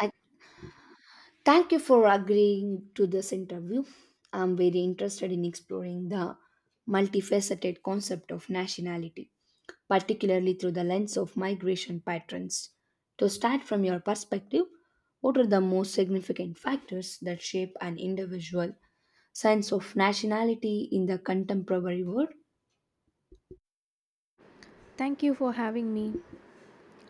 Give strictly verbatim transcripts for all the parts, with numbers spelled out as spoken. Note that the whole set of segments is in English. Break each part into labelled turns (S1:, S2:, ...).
S1: I thank you for agreeing to this interview. I'm very interested in exploring the multifaceted concept of nationality, particularly through the lens of migration patterns. To start from your perspective, what are the most significant factors that shape an individual sense of nationality in the contemporary world?
S2: Thank you for having me.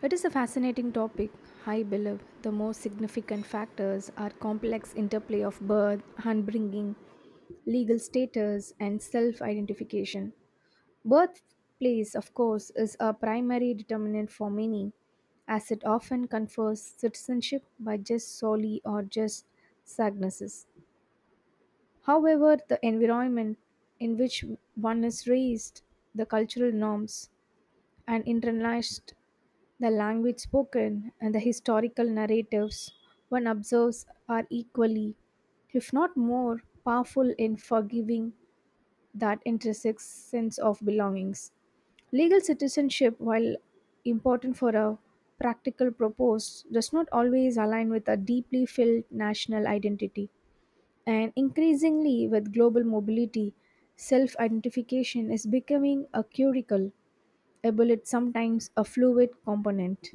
S2: It is a fascinating topic. I believe the most significant factors are complex interplay of birth, upbringing, legal status, and self identification. Birthplace, of course, is a primary determinant for many, as it often confers citizenship by just solely or just sagnesses. However, the environment in which one is raised, the cultural norms, and internalized the language spoken and the historical narratives one observes are equally, if not more, powerful in forgiving that intrinsic sense of belongings. Legal citizenship, while important for a practical purpose, does not always align with a deeply felt national identity. And increasingly, with global mobility, self identification is becoming a curricle, albeit sometimes a fluid component.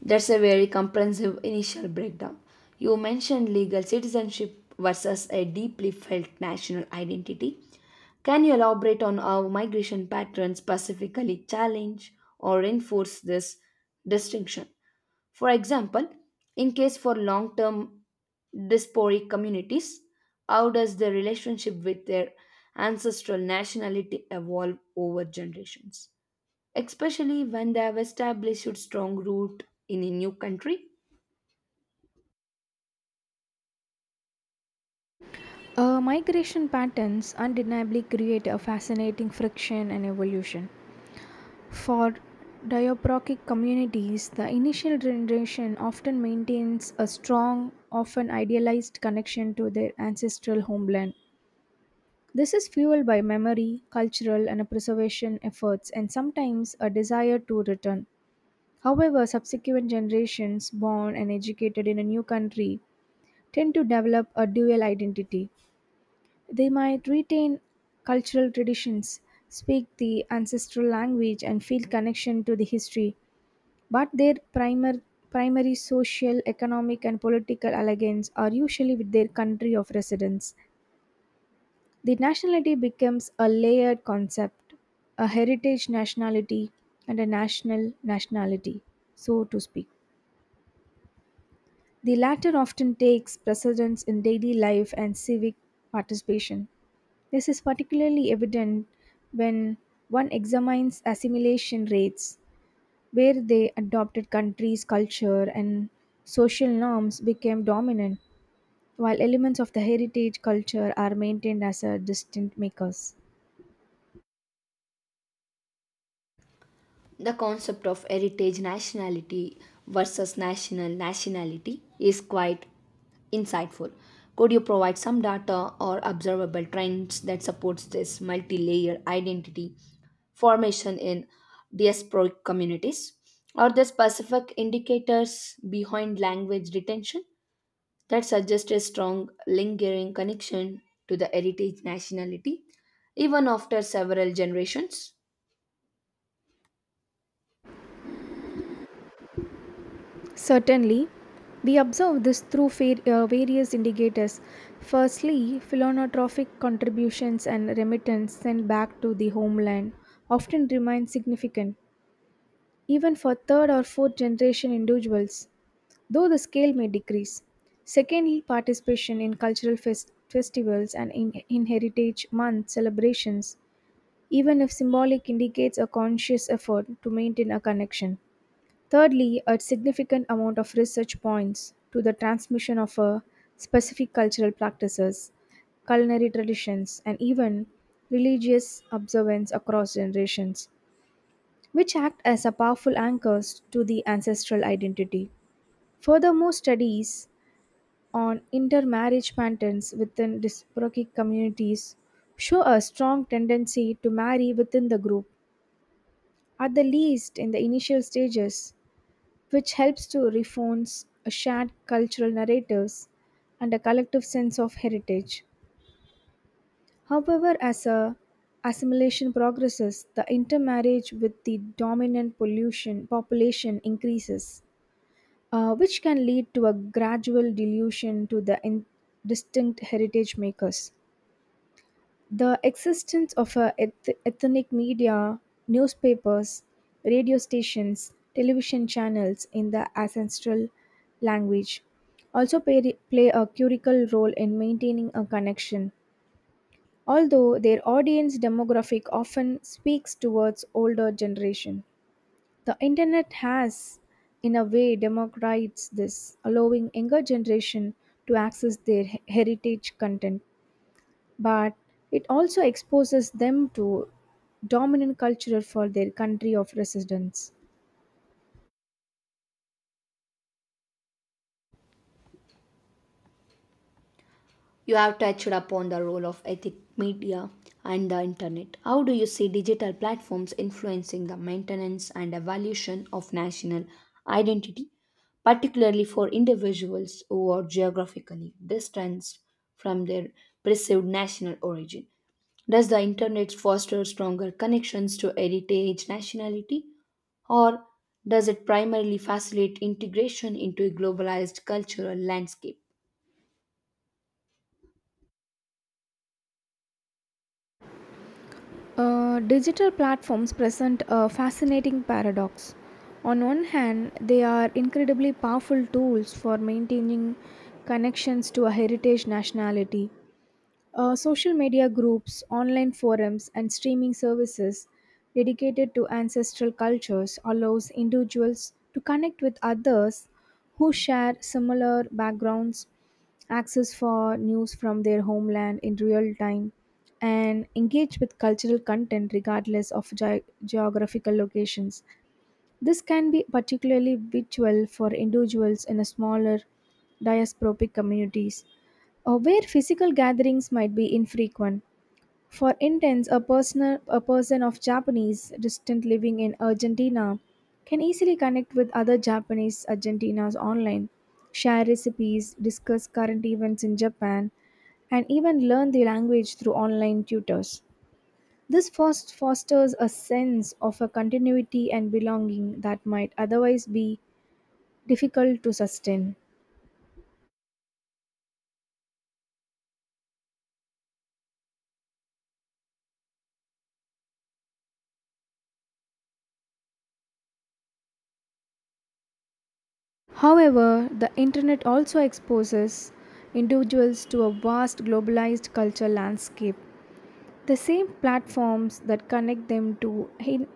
S1: That's a very comprehensive initial breakdown. You mentioned legal citizenship versus a deeply felt national identity. Can you elaborate on how migration patterns specifically challenge or enforce this distinction? For example, in case for long-term diasporic communities, how does their relationship with their ancestral nationality evolve over generations, especially when they have established a strong root in a new country?
S2: Uh, migration patterns undeniably create a fascinating friction and evolution. For diaprochic communities, the initial generation often maintains a strong, often idealized connection to their ancestral homeland. This is fueled by memory, cultural, and preservation efforts, and sometimes a desire to return. However, subsequent generations born and educated in a new country tend to develop a dual identity. They might retain cultural traditions, speak the ancestral language, and feel connection to the history, but their primer, primary social, economic, and political allegiance are usually with their country of residence. The nationality becomes a layered concept, a heritage nationality, and a national nationality, so to speak. The latter often takes precedence in daily life and civic participation. This is particularly evident when one examines assimilation rates, where they adopted countries' culture and social norms became dominant, while elements of the heritage culture are maintained as a distant makers.
S1: The concept of heritage nationality versus national nationality is quite insightful. Could you provide some data or observable trends that supports this multi-layer identity formation in diasporic communities? Are there specific indicators behind language retention that suggests a strong lingering connection to the heritage nationality even after several generations?
S2: Certainly, we observe this through fa- uh, various indicators. Firstly, philanthropic contributions and remittance sent back to the homeland often remain significant, even for third or fourth generation individuals, though the scale may decrease. Secondly, participation in cultural fest- festivals and in, in Heritage Month celebrations, even if symbolic, indicates a conscious effort to maintain a connection. Thirdly, a significant amount of research points to the transmission of a specific cultural practices, culinary traditions, and even religious observance across generations, which act as a powerful anchors to the ancestral identity. Furthermore, studies on intermarriage patterns within disparate communities show a strong tendency to marry within the group, at the least in the initial stages, which helps to reinforce a shared cultural narratives and a collective sense of heritage. However, as a assimilation progresses, the intermarriage with the dominant pollution population increases, uh, which can lead to a gradual dilution to the in- distinct heritage makers. The existence of a eth- ethnic media, newspapers, radio stations, television channels in the ancestral language also play, play a curical role in maintaining a connection, although their audience demographic often speaks towards older generation. The internet has, in a way, democratized this, allowing younger generation to access their he- heritage content, but it also exposes them to dominant culture for their country of residence.
S1: You have touched upon the role of ethic media and the internet. How do you see digital platforms influencing the maintenance and evolution of national identity, particularly for individuals who are geographically distanced from their perceived national origin? Does the internet foster stronger connections to heritage nationality, or does it primarily facilitate integration into a globalized cultural landscape?
S2: Uh, digital platforms present a fascinating paradox. On one hand, they are incredibly powerful tools for maintaining connections to a heritage nationality. Uh, social media groups, online forums, and streaming services dedicated to ancestral cultures allows individuals to connect with others who share similar backgrounds, access for news from their homeland in real time, and engage with cultural content regardless of ge- geographical locations. This can be particularly virtual for individuals in a smaller diasporic communities or where physical gatherings might be infrequent. For instance, a, personal, a person of Japanese descent living in Argentina can easily connect with other Japanese Argentinas online, share recipes, discuss current events in Japan, and even learn the language through online tutors. This fos- fosters a sense of a continuity and belonging that might otherwise be difficult to sustain. However, the internet also exposes individuals to a vast globalized culture landscape. The same platforms that connect them to he-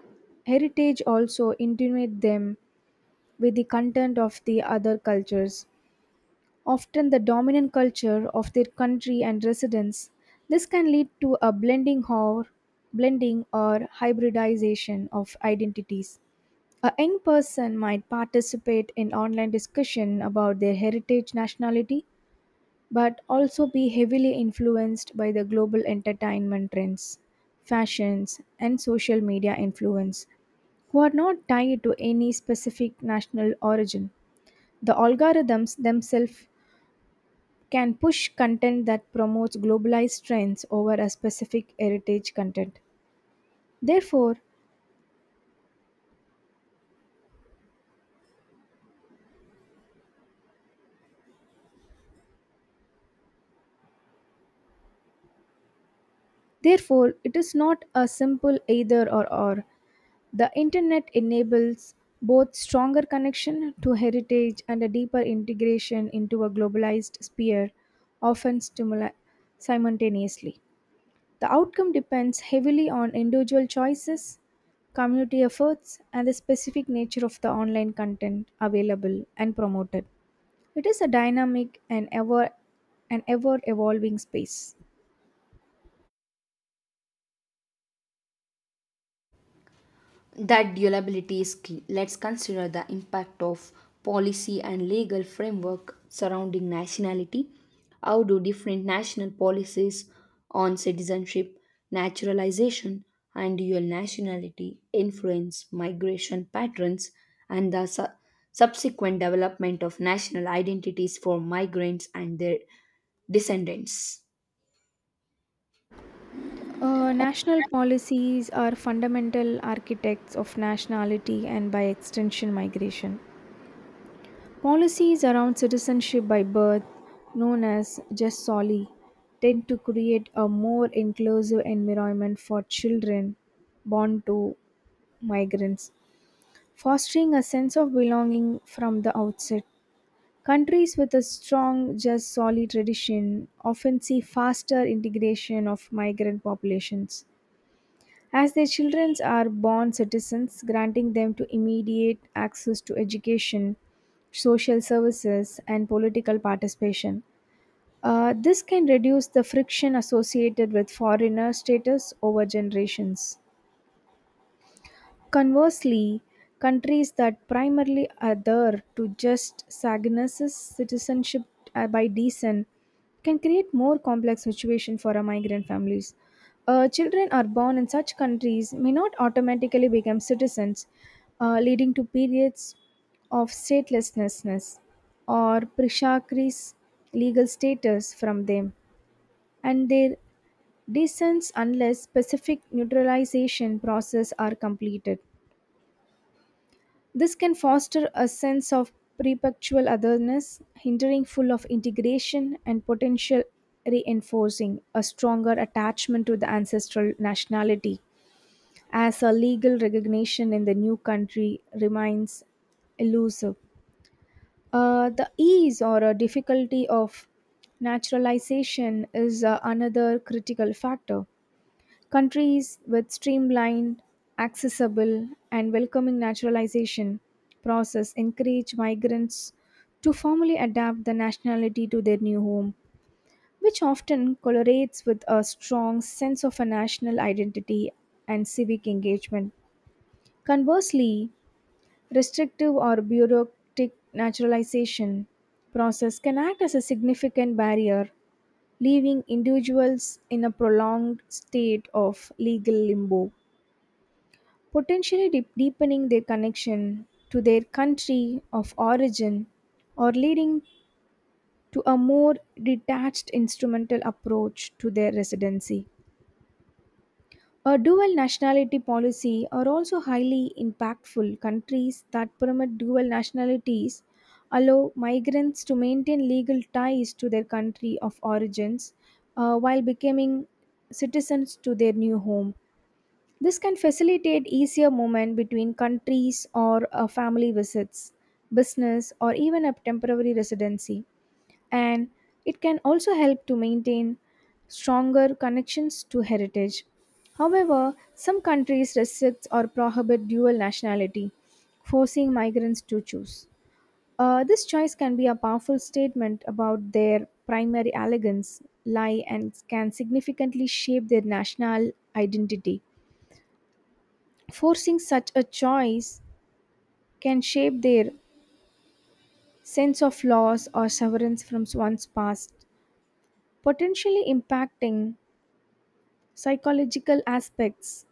S2: heritage also intimidate them with the content of the other cultures, often the dominant culture of their country and residence. This can lead to a blending or blending or hybridization of identities. A young person might participate in online discussion about their heritage nationality, but also be heavily influenced by the global entertainment trends, fashions, and social media influence, who are not tied to any specific national origin. The algorithms themselves can push content that promotes globalized trends over a specific heritage content. Therefore, therefore, it is not a simple either or or. The internet enables both stronger connection to heritage and a deeper integration into a globalized sphere, often stimuli- simultaneously. The outcome depends heavily on individual choices, community efforts, and the specific nature of the online content available and promoted. It is a dynamic and ever and ever evolving space.
S1: That durability is key. Let's consider the impact of policy and legal framework surrounding nationality. How do different national policies on citizenship, naturalization, and dual nationality influence migration patterns and the su- subsequent development of national identities for migrants and their descendants?
S2: Uh, national policies are fundamental architects of nationality and by extension migration. Policies around citizenship by birth, known as jus soli, tend to create a more inclusive environment for children born to migrants, fostering a sense of belonging from the outset. Countries with a strong jus soli tradition often see faster integration of migrant populations, as their children are born citizens, granting them to immediate access to education, social services, and political participation. Uh, this can reduce the friction associated with foreigner status over generations. Conversely, countries that primarily adhere to just Saguenay's citizenship uh, by descent can create more complex situation for our migrant families. Uh, children are born in such countries may not automatically become citizens, uh, leading to periods of statelessness or prishakris legal status from them and their descents unless specific neutralization process are completed. This can foster a sense of perpetual otherness, hindering full of integration and potential reinforcing a stronger attachment to the ancestral nationality as a legal recognition in the new country remains elusive. Uh, the ease or uh, difficulty of naturalization is uh, another critical factor. Countries with streamlined, accessible, and welcoming naturalization process encourage migrants to formally adapt the nationality to their new home, which often correlates with a strong sense of a national identity and civic engagement. Conversely, restrictive or bureaucratic naturalization process can act as a significant barrier, leaving individuals in a prolonged state of legal limbo, potentially deep deepening their connection to their country of origin or leading to a more detached instrumental approach to their residency. A dual nationality policy are also highly impactful. Countries that permit dual nationalities allow migrants to maintain legal ties to their country of origins, uh, while becoming citizens to their new home. This can facilitate easier movement between countries or uh, family visits, business, or even a temporary residency. And it can also help to maintain stronger connections to heritage. However, some countries restrict or prohibit dual nationality, forcing migrants to choose. Uh, this choice can be a powerful statement about their primary allegiance, lie, and can significantly shape their national identity. Forcing such a choice can shape their sense of loss or severance from one's past, potentially impacting psychological aspects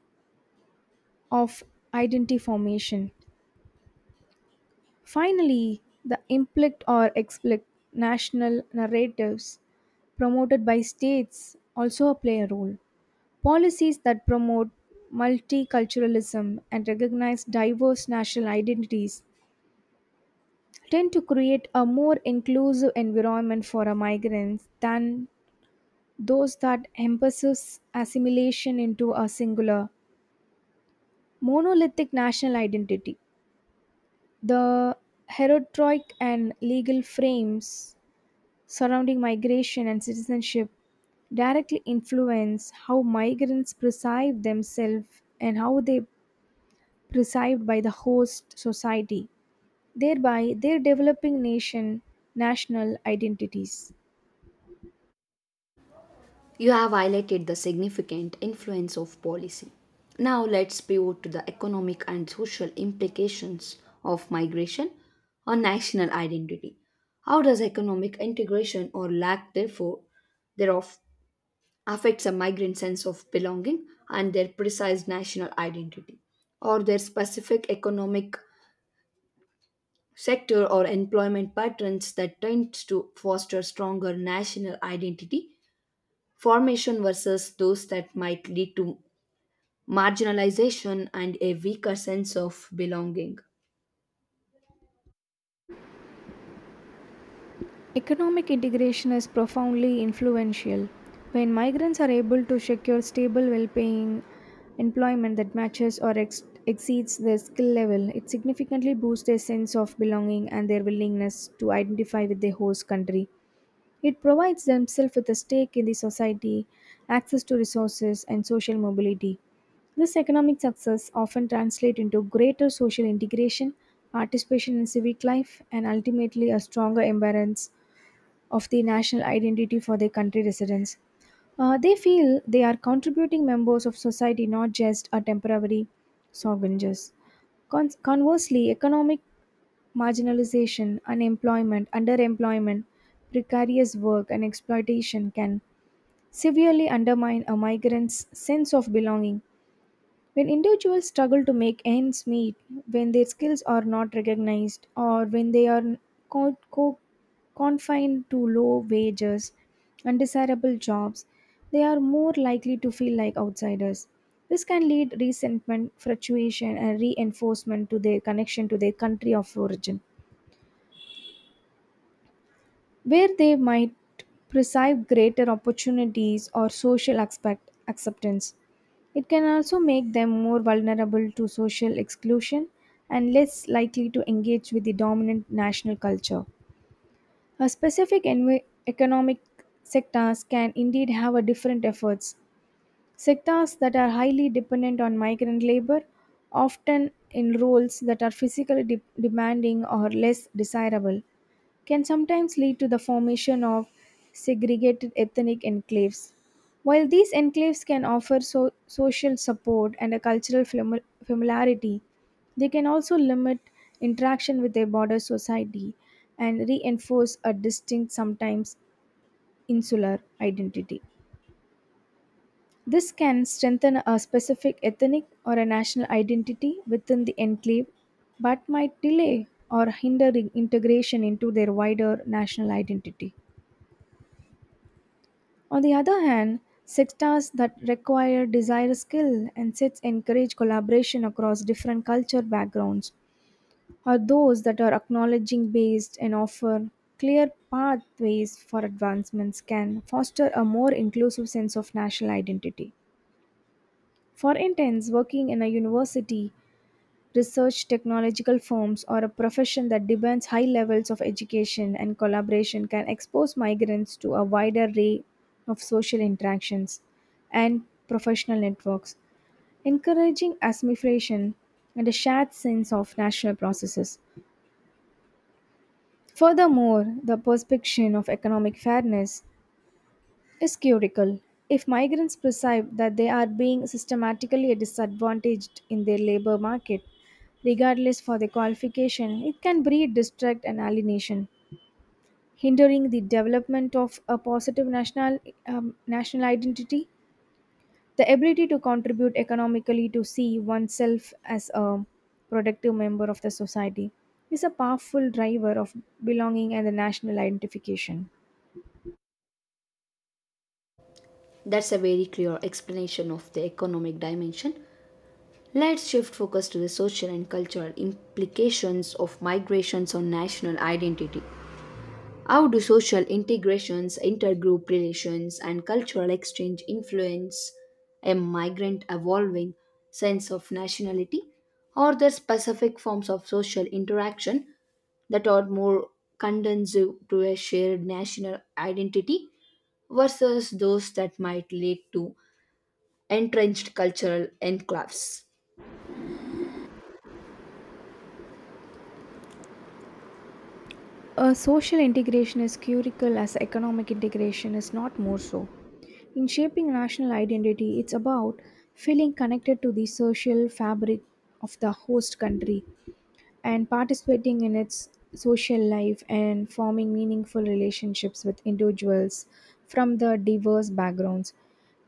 S2: of identity formation. Finally, the implicit or explicit national narratives promoted by states also play a role. Policies that promote multiculturalism and recognize diverse national identities tend to create a more inclusive environment for our migrants than those that emphasize assimilation into a singular monolithic national identity. The heterotroic and legal frames surrounding migration and citizenship directly influence how migrants perceive themselves and how they perceived by the host society, thereby their developing nation national identities.
S1: You have highlighted the significant influence of policy. Now let's pivot to the economic and social implications of migration on national identity. How does economic integration or lack therefore thereof affects a migrant's sense of belonging and their precise national identity, or their specific economic sector or employment patterns that tends to foster stronger national identity formation versus those that might lead to marginalization and a weaker sense of belonging?
S2: Economic integration is profoundly influential. When migrants are able to secure stable, well paying employment that matches or ex- exceeds their skill level, it significantly boosts their sense of belonging and their willingness to identify with their host country. It provides themselves with a stake in the society, access to resources, and social mobility. This economic success often translates into greater social integration, participation in civic life, and ultimately a stronger embrace of the national identity for their country residents. Uh, they feel they are contributing members of society, not just a temporary sojourners. Con- conversely, economic marginalization, unemployment, underemployment, precarious work, and exploitation can severely undermine a migrant's sense of belonging. When individuals struggle to make ends meet, when their skills are not recognized, or when they are co- co- confined to low wages, undesirable jobs, they are more likely to feel like outsiders. This can lead resentment, frustration, and reinforcement to their connection to their country of origin where they might perceive greater opportunities or social expect acceptance. It can also make them more vulnerable to social exclusion and less likely to engage with the dominant national culture. A specific envi- economic sectors can indeed have a different efforts. Sectors that are highly dependent on migrant labor, often in roles that are physically de- demanding or less desirable, can sometimes lead to the formation of segregated ethnic enclaves. While these enclaves can offer so- social support and a cultural fami- familiarity, they can also limit interaction with their border society and reinforce a distinct, sometimes insular identity. This can strengthen a specific ethnic or a national identity within the enclave, but might delay or hinder in- integration into their wider national identity. On the other hand, sectors that require desired skill and sets encourage collaboration across different culture backgrounds, or those that are acknowledging based and offer clear pathways for advancements can foster a more inclusive sense of national identity. For instance, working in a university Research technological firms or a profession that demands high levels of education and collaboration can expose migrants to a wider array of social interactions and professional networks, encouraging assimilation and a shared sense of national processes. Furthermore, the perception of economic fairness is critical. If migrants perceive that they are being systematically disadvantaged in their labor market, regardless for the qualification, it can breed distrust and alienation, hindering the development of a positive national um, national identity. The ability to contribute economically to see oneself as a productive member of the society is a powerful driver of belonging and the national identification.
S1: That's a very clear explanation of the economic dimension. Let's shift focus to the social and cultural implications of migrations on national identity. How do social integrations, intergroup relations, and cultural exchange influence a migrant evolving sense of nationality? Are there specific forms of social interaction that are more conducive to a shared national identity versus those that might lead to entrenched cultural enclaves?
S2: Uh, social integration is critical as economic integration is not more so. In shaping national identity, it's about feeling connected to the social fabric of the host country and participating in its social life and forming meaningful relationships with individuals from the diverse backgrounds.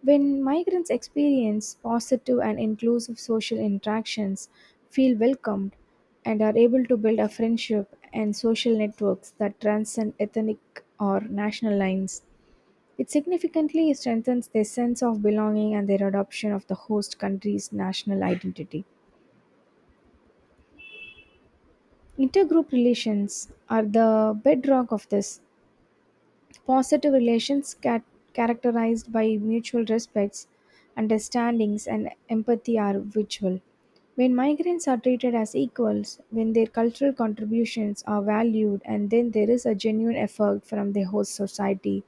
S2: When migrants experience positive and inclusive social interactions, feel welcomed, and are able to build a friendship and social networks that transcend ethnic or national lines. It significantly strengthens their sense of belonging and their adoption of the host country's national identity. Intergroup relations are the bedrock of this. Positive relations ca- characterized by mutual respects, understandings, and empathy are virtual. When migrants are treated as equals, when their cultural contributions are valued, and then there is a genuine effort from the host society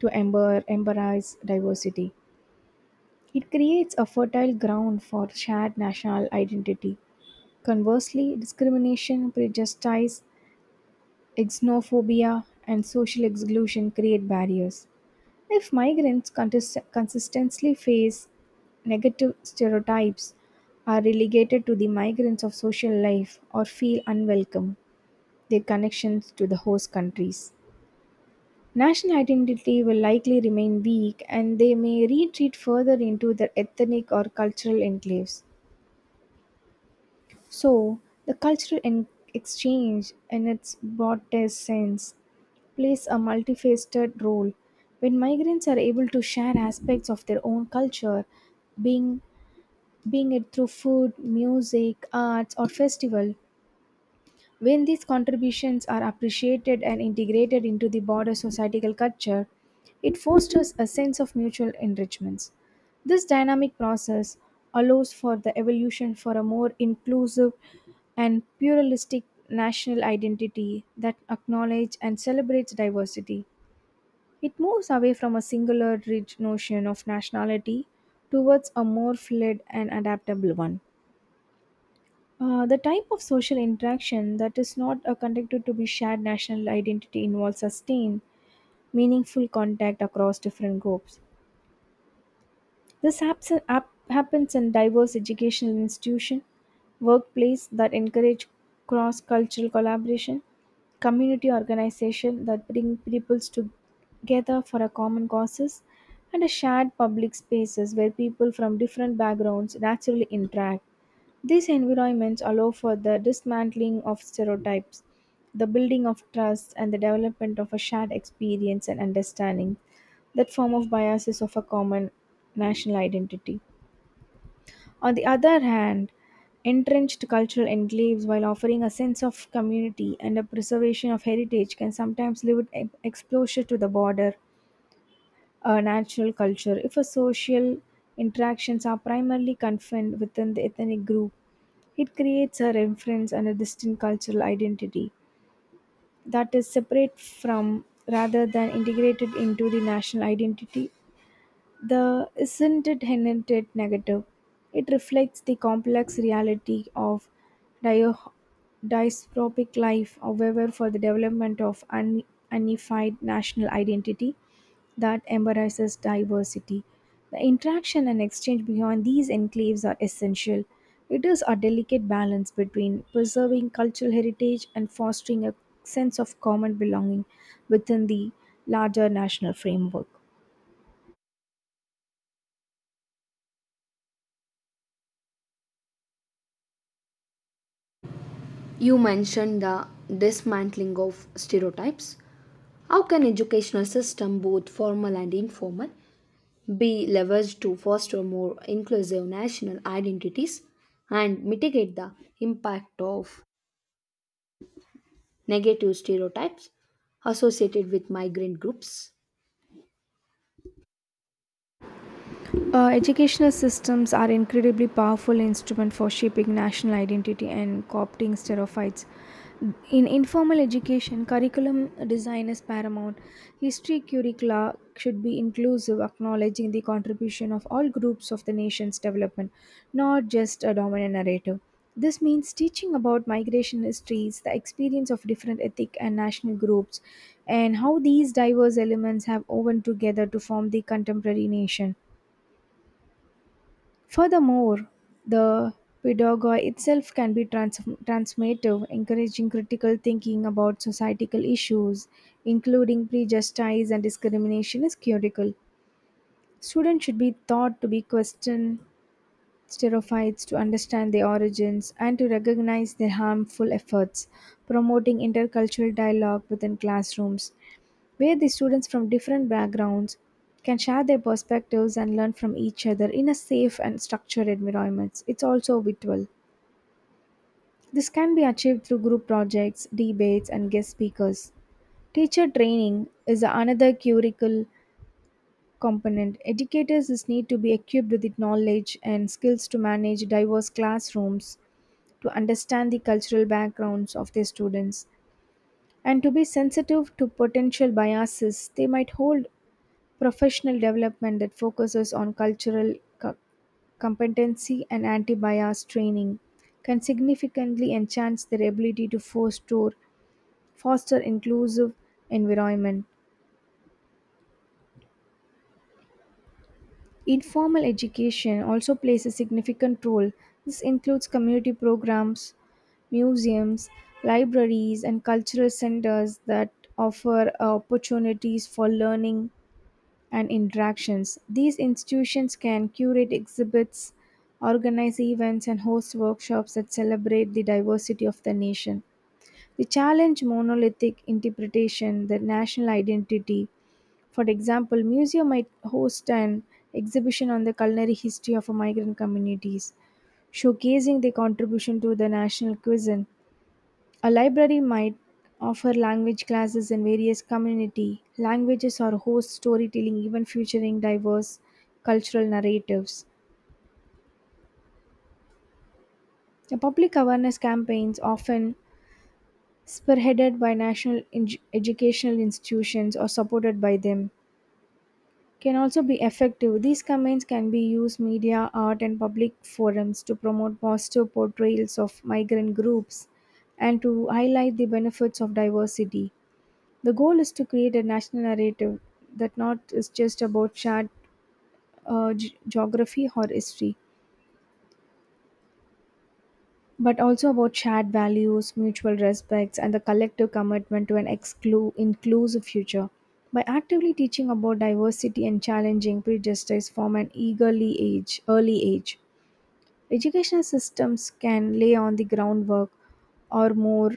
S2: to ember- embrace diversity. It creates a fertile ground for shared national identity. Conversely, discrimination, prejudice, Xenophobia and social exclusion create barriers. If migrants contest- consistently face negative stereotypes, are relegated to the migrants of social life, or feel unwelcome, their connections to the host countries. National identity will likely remain weak and they may retreat further into their ethnic or cultural enclaves. So, the cultural en- exchange, in its broadest sense, plays a multifaceted role. When migrants are able to share aspects of their own culture, being being it through food, music, arts, or festival, when these contributions are appreciated and integrated into the broader societal culture, it fosters a sense of mutual enrichments. This dynamic process allows for the evolution for a more inclusive and pluralistic national identity that acknowledges and celebrates diversity. It moves away from a singular rigid notion of nationality towards a more fluid and adaptable one. Uh, the type of social interaction that is not uh, conducted to be shared national identity involves sustained, meaningful contact across different groups. This haps hap- happens in diverse educational institutions, workplace that encourage cross-cultural collaboration, community organization that bring peoples together for a common causes, and a shared public spaces where people from different backgrounds naturally interact. These environments allow for the dismantling of stereotypes, the building of trust, and the development of a shared experience and understanding. That form of bias is of a common national identity. On the other hand, entrenched cultural enclaves, while offering a sense of community and a preservation of heritage, can sometimes limit e- exposure to the border uh, natural culture. If a social interactions are primarily confined within the ethnic group, it creates a reference and a distinct cultural identity that is separate from rather than integrated into the national identity. The isn't it inherently negative? It reflects the complex reality of dio- dystropic life, however, for the development of un- unified national identity that embraces diversity. The interaction and exchange beyond these enclaves are essential. It is a delicate balance between preserving cultural heritage and fostering a sense of common belonging within the larger national framework.
S1: You mentioned the dismantling of stereotypes. How can educational system, both formal and informal, be leveraged to foster more inclusive national identities and mitigate the impact of negative stereotypes associated with migrant groups?
S2: Uh, educational systems are incredibly powerful instrument for shaping national identity and co-opting stereotypes. In informal education, curriculum design is paramount. History curricula should be inclusive, acknowledging the contribution of all groups of the nation's development, not just a dominant narrative. This means teaching about migration histories, the experience of different ethnic and national groups, and how these diverse elements have woven together to form the contemporary nation. Furthermore, the pedagogy itself can be trans- transformative, encouraging critical thinking about societal issues, including prejudice and discrimination, is critical. Students should be taught to be question stereotypes to understand their origins and to recognize their harmful efforts, promoting intercultural dialogue within classrooms where the students from different backgrounds can share their perspectives and learn from each other in a safe and structured environment. It's also virtual. This can be achieved through group projects, debates, and guest speakers. Teacher training is another curricle component. Educators is need to be equipped with the knowledge and skills to manage diverse classrooms, to understand the cultural backgrounds of their students, and to be sensitive to potential biases they might hold. Professional development that focuses on cultural co- competency and anti bias training can significantly enhance their ability to foster, foster inclusive environment. Informal education also plays a significant role. This includes community programs, museums, libraries, and cultural centers that offer opportunities for learning and interactions. These institutions can curate exhibits, organize events, and host workshops that celebrate the diversity of the nation. They challenge monolithic interpretation, the national identity. For example, museum might host an exhibition on the culinary history of migrant communities, showcasing their contribution to the national cuisine. A library might offer language classes in various community languages or host storytelling, even featuring diverse cultural narratives. The public awareness campaigns, often spearheaded by national eng- educational institutions or supported by them, can also be effective. These campaigns can be used media, art, and public forums to promote positive portrayals of migrant groups and to highlight the benefits of diversity. The goal is to create a national narrative that not is just about shared uh, ge- geography or history, but also about shared values, mutual respects, and the collective commitment to an exclu- inclusive future. By actively teaching about diversity and challenging prejudice from an eagerly age, early age, educational systems can lay on the groundwork or more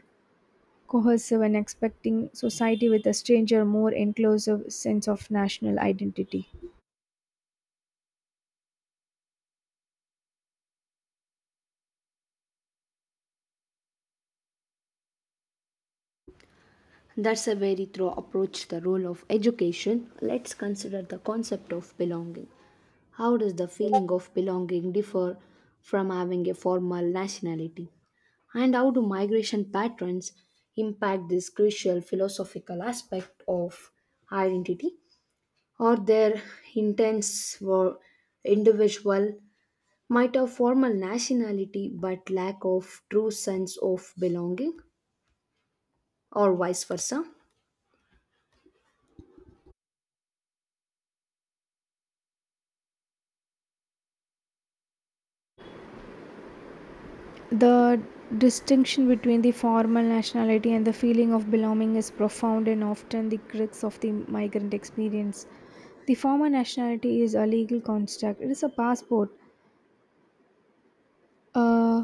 S2: cohesive and expecting society with a stranger, more inclusive sense of national identity.
S1: That's a very thorough approach the role of education. Let's consider the concept of belonging. How does the feeling of belonging differ from having a formal nationality? And how do migration patterns impact this crucial philosophical aspect of identity? Or their intents were individual might have formal nationality but lack of true sense of belonging, or vice versa?
S2: The distinction between the formal nationality and the feeling of belonging is profound and often the crux of the migrant experience. The formal nationality is a legal construct, it is a passport uh,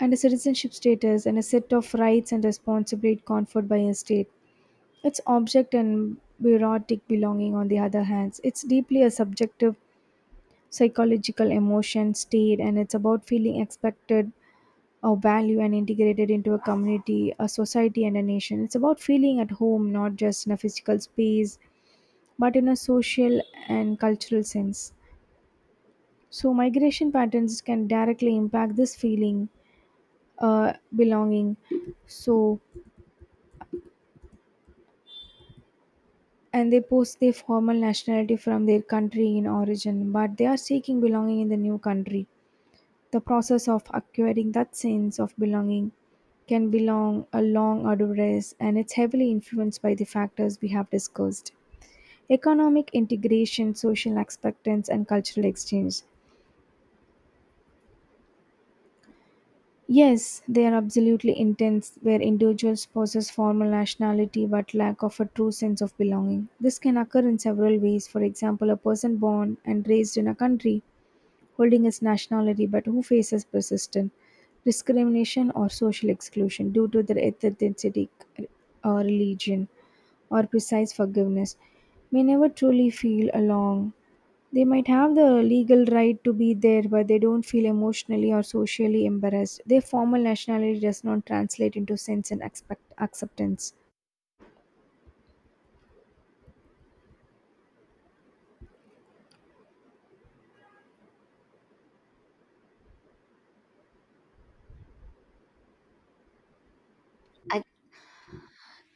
S2: and a citizenship status and a set of rights and responsibilities conferred by a state. Its object and bureaucratic belonging, on the other hand, it's deeply a subjective psychological emotion state and it's about feeling expected a value and integrated into a community, a society, and a nation. It's about feeling at home, not just in a physical space, but in a social and cultural sense. So, migration patterns can directly impact this feeling, uh, belonging. So, and they post their formal nationality from their country in origin, but they are seeking belonging in the new country. The process of acquiring that sense of belonging can be long, a long, arduous, and it's heavily influenced by the factors we have discussed economic integration, social acceptance, and cultural exchange. Yes, they are absolutely intense, where individuals possess formal nationality but lack of a true sense of belonging. This can occur in several ways. For example, a person born and raised in a country holding his nationality but who faces persistent discrimination or social exclusion due to their ethnicity or religion or precise forgiveness may never truly feel along. They might have the legal right to be there, but they don't feel emotionally or socially embarrassed. Their formal nationality does not translate into sense and expect acceptance.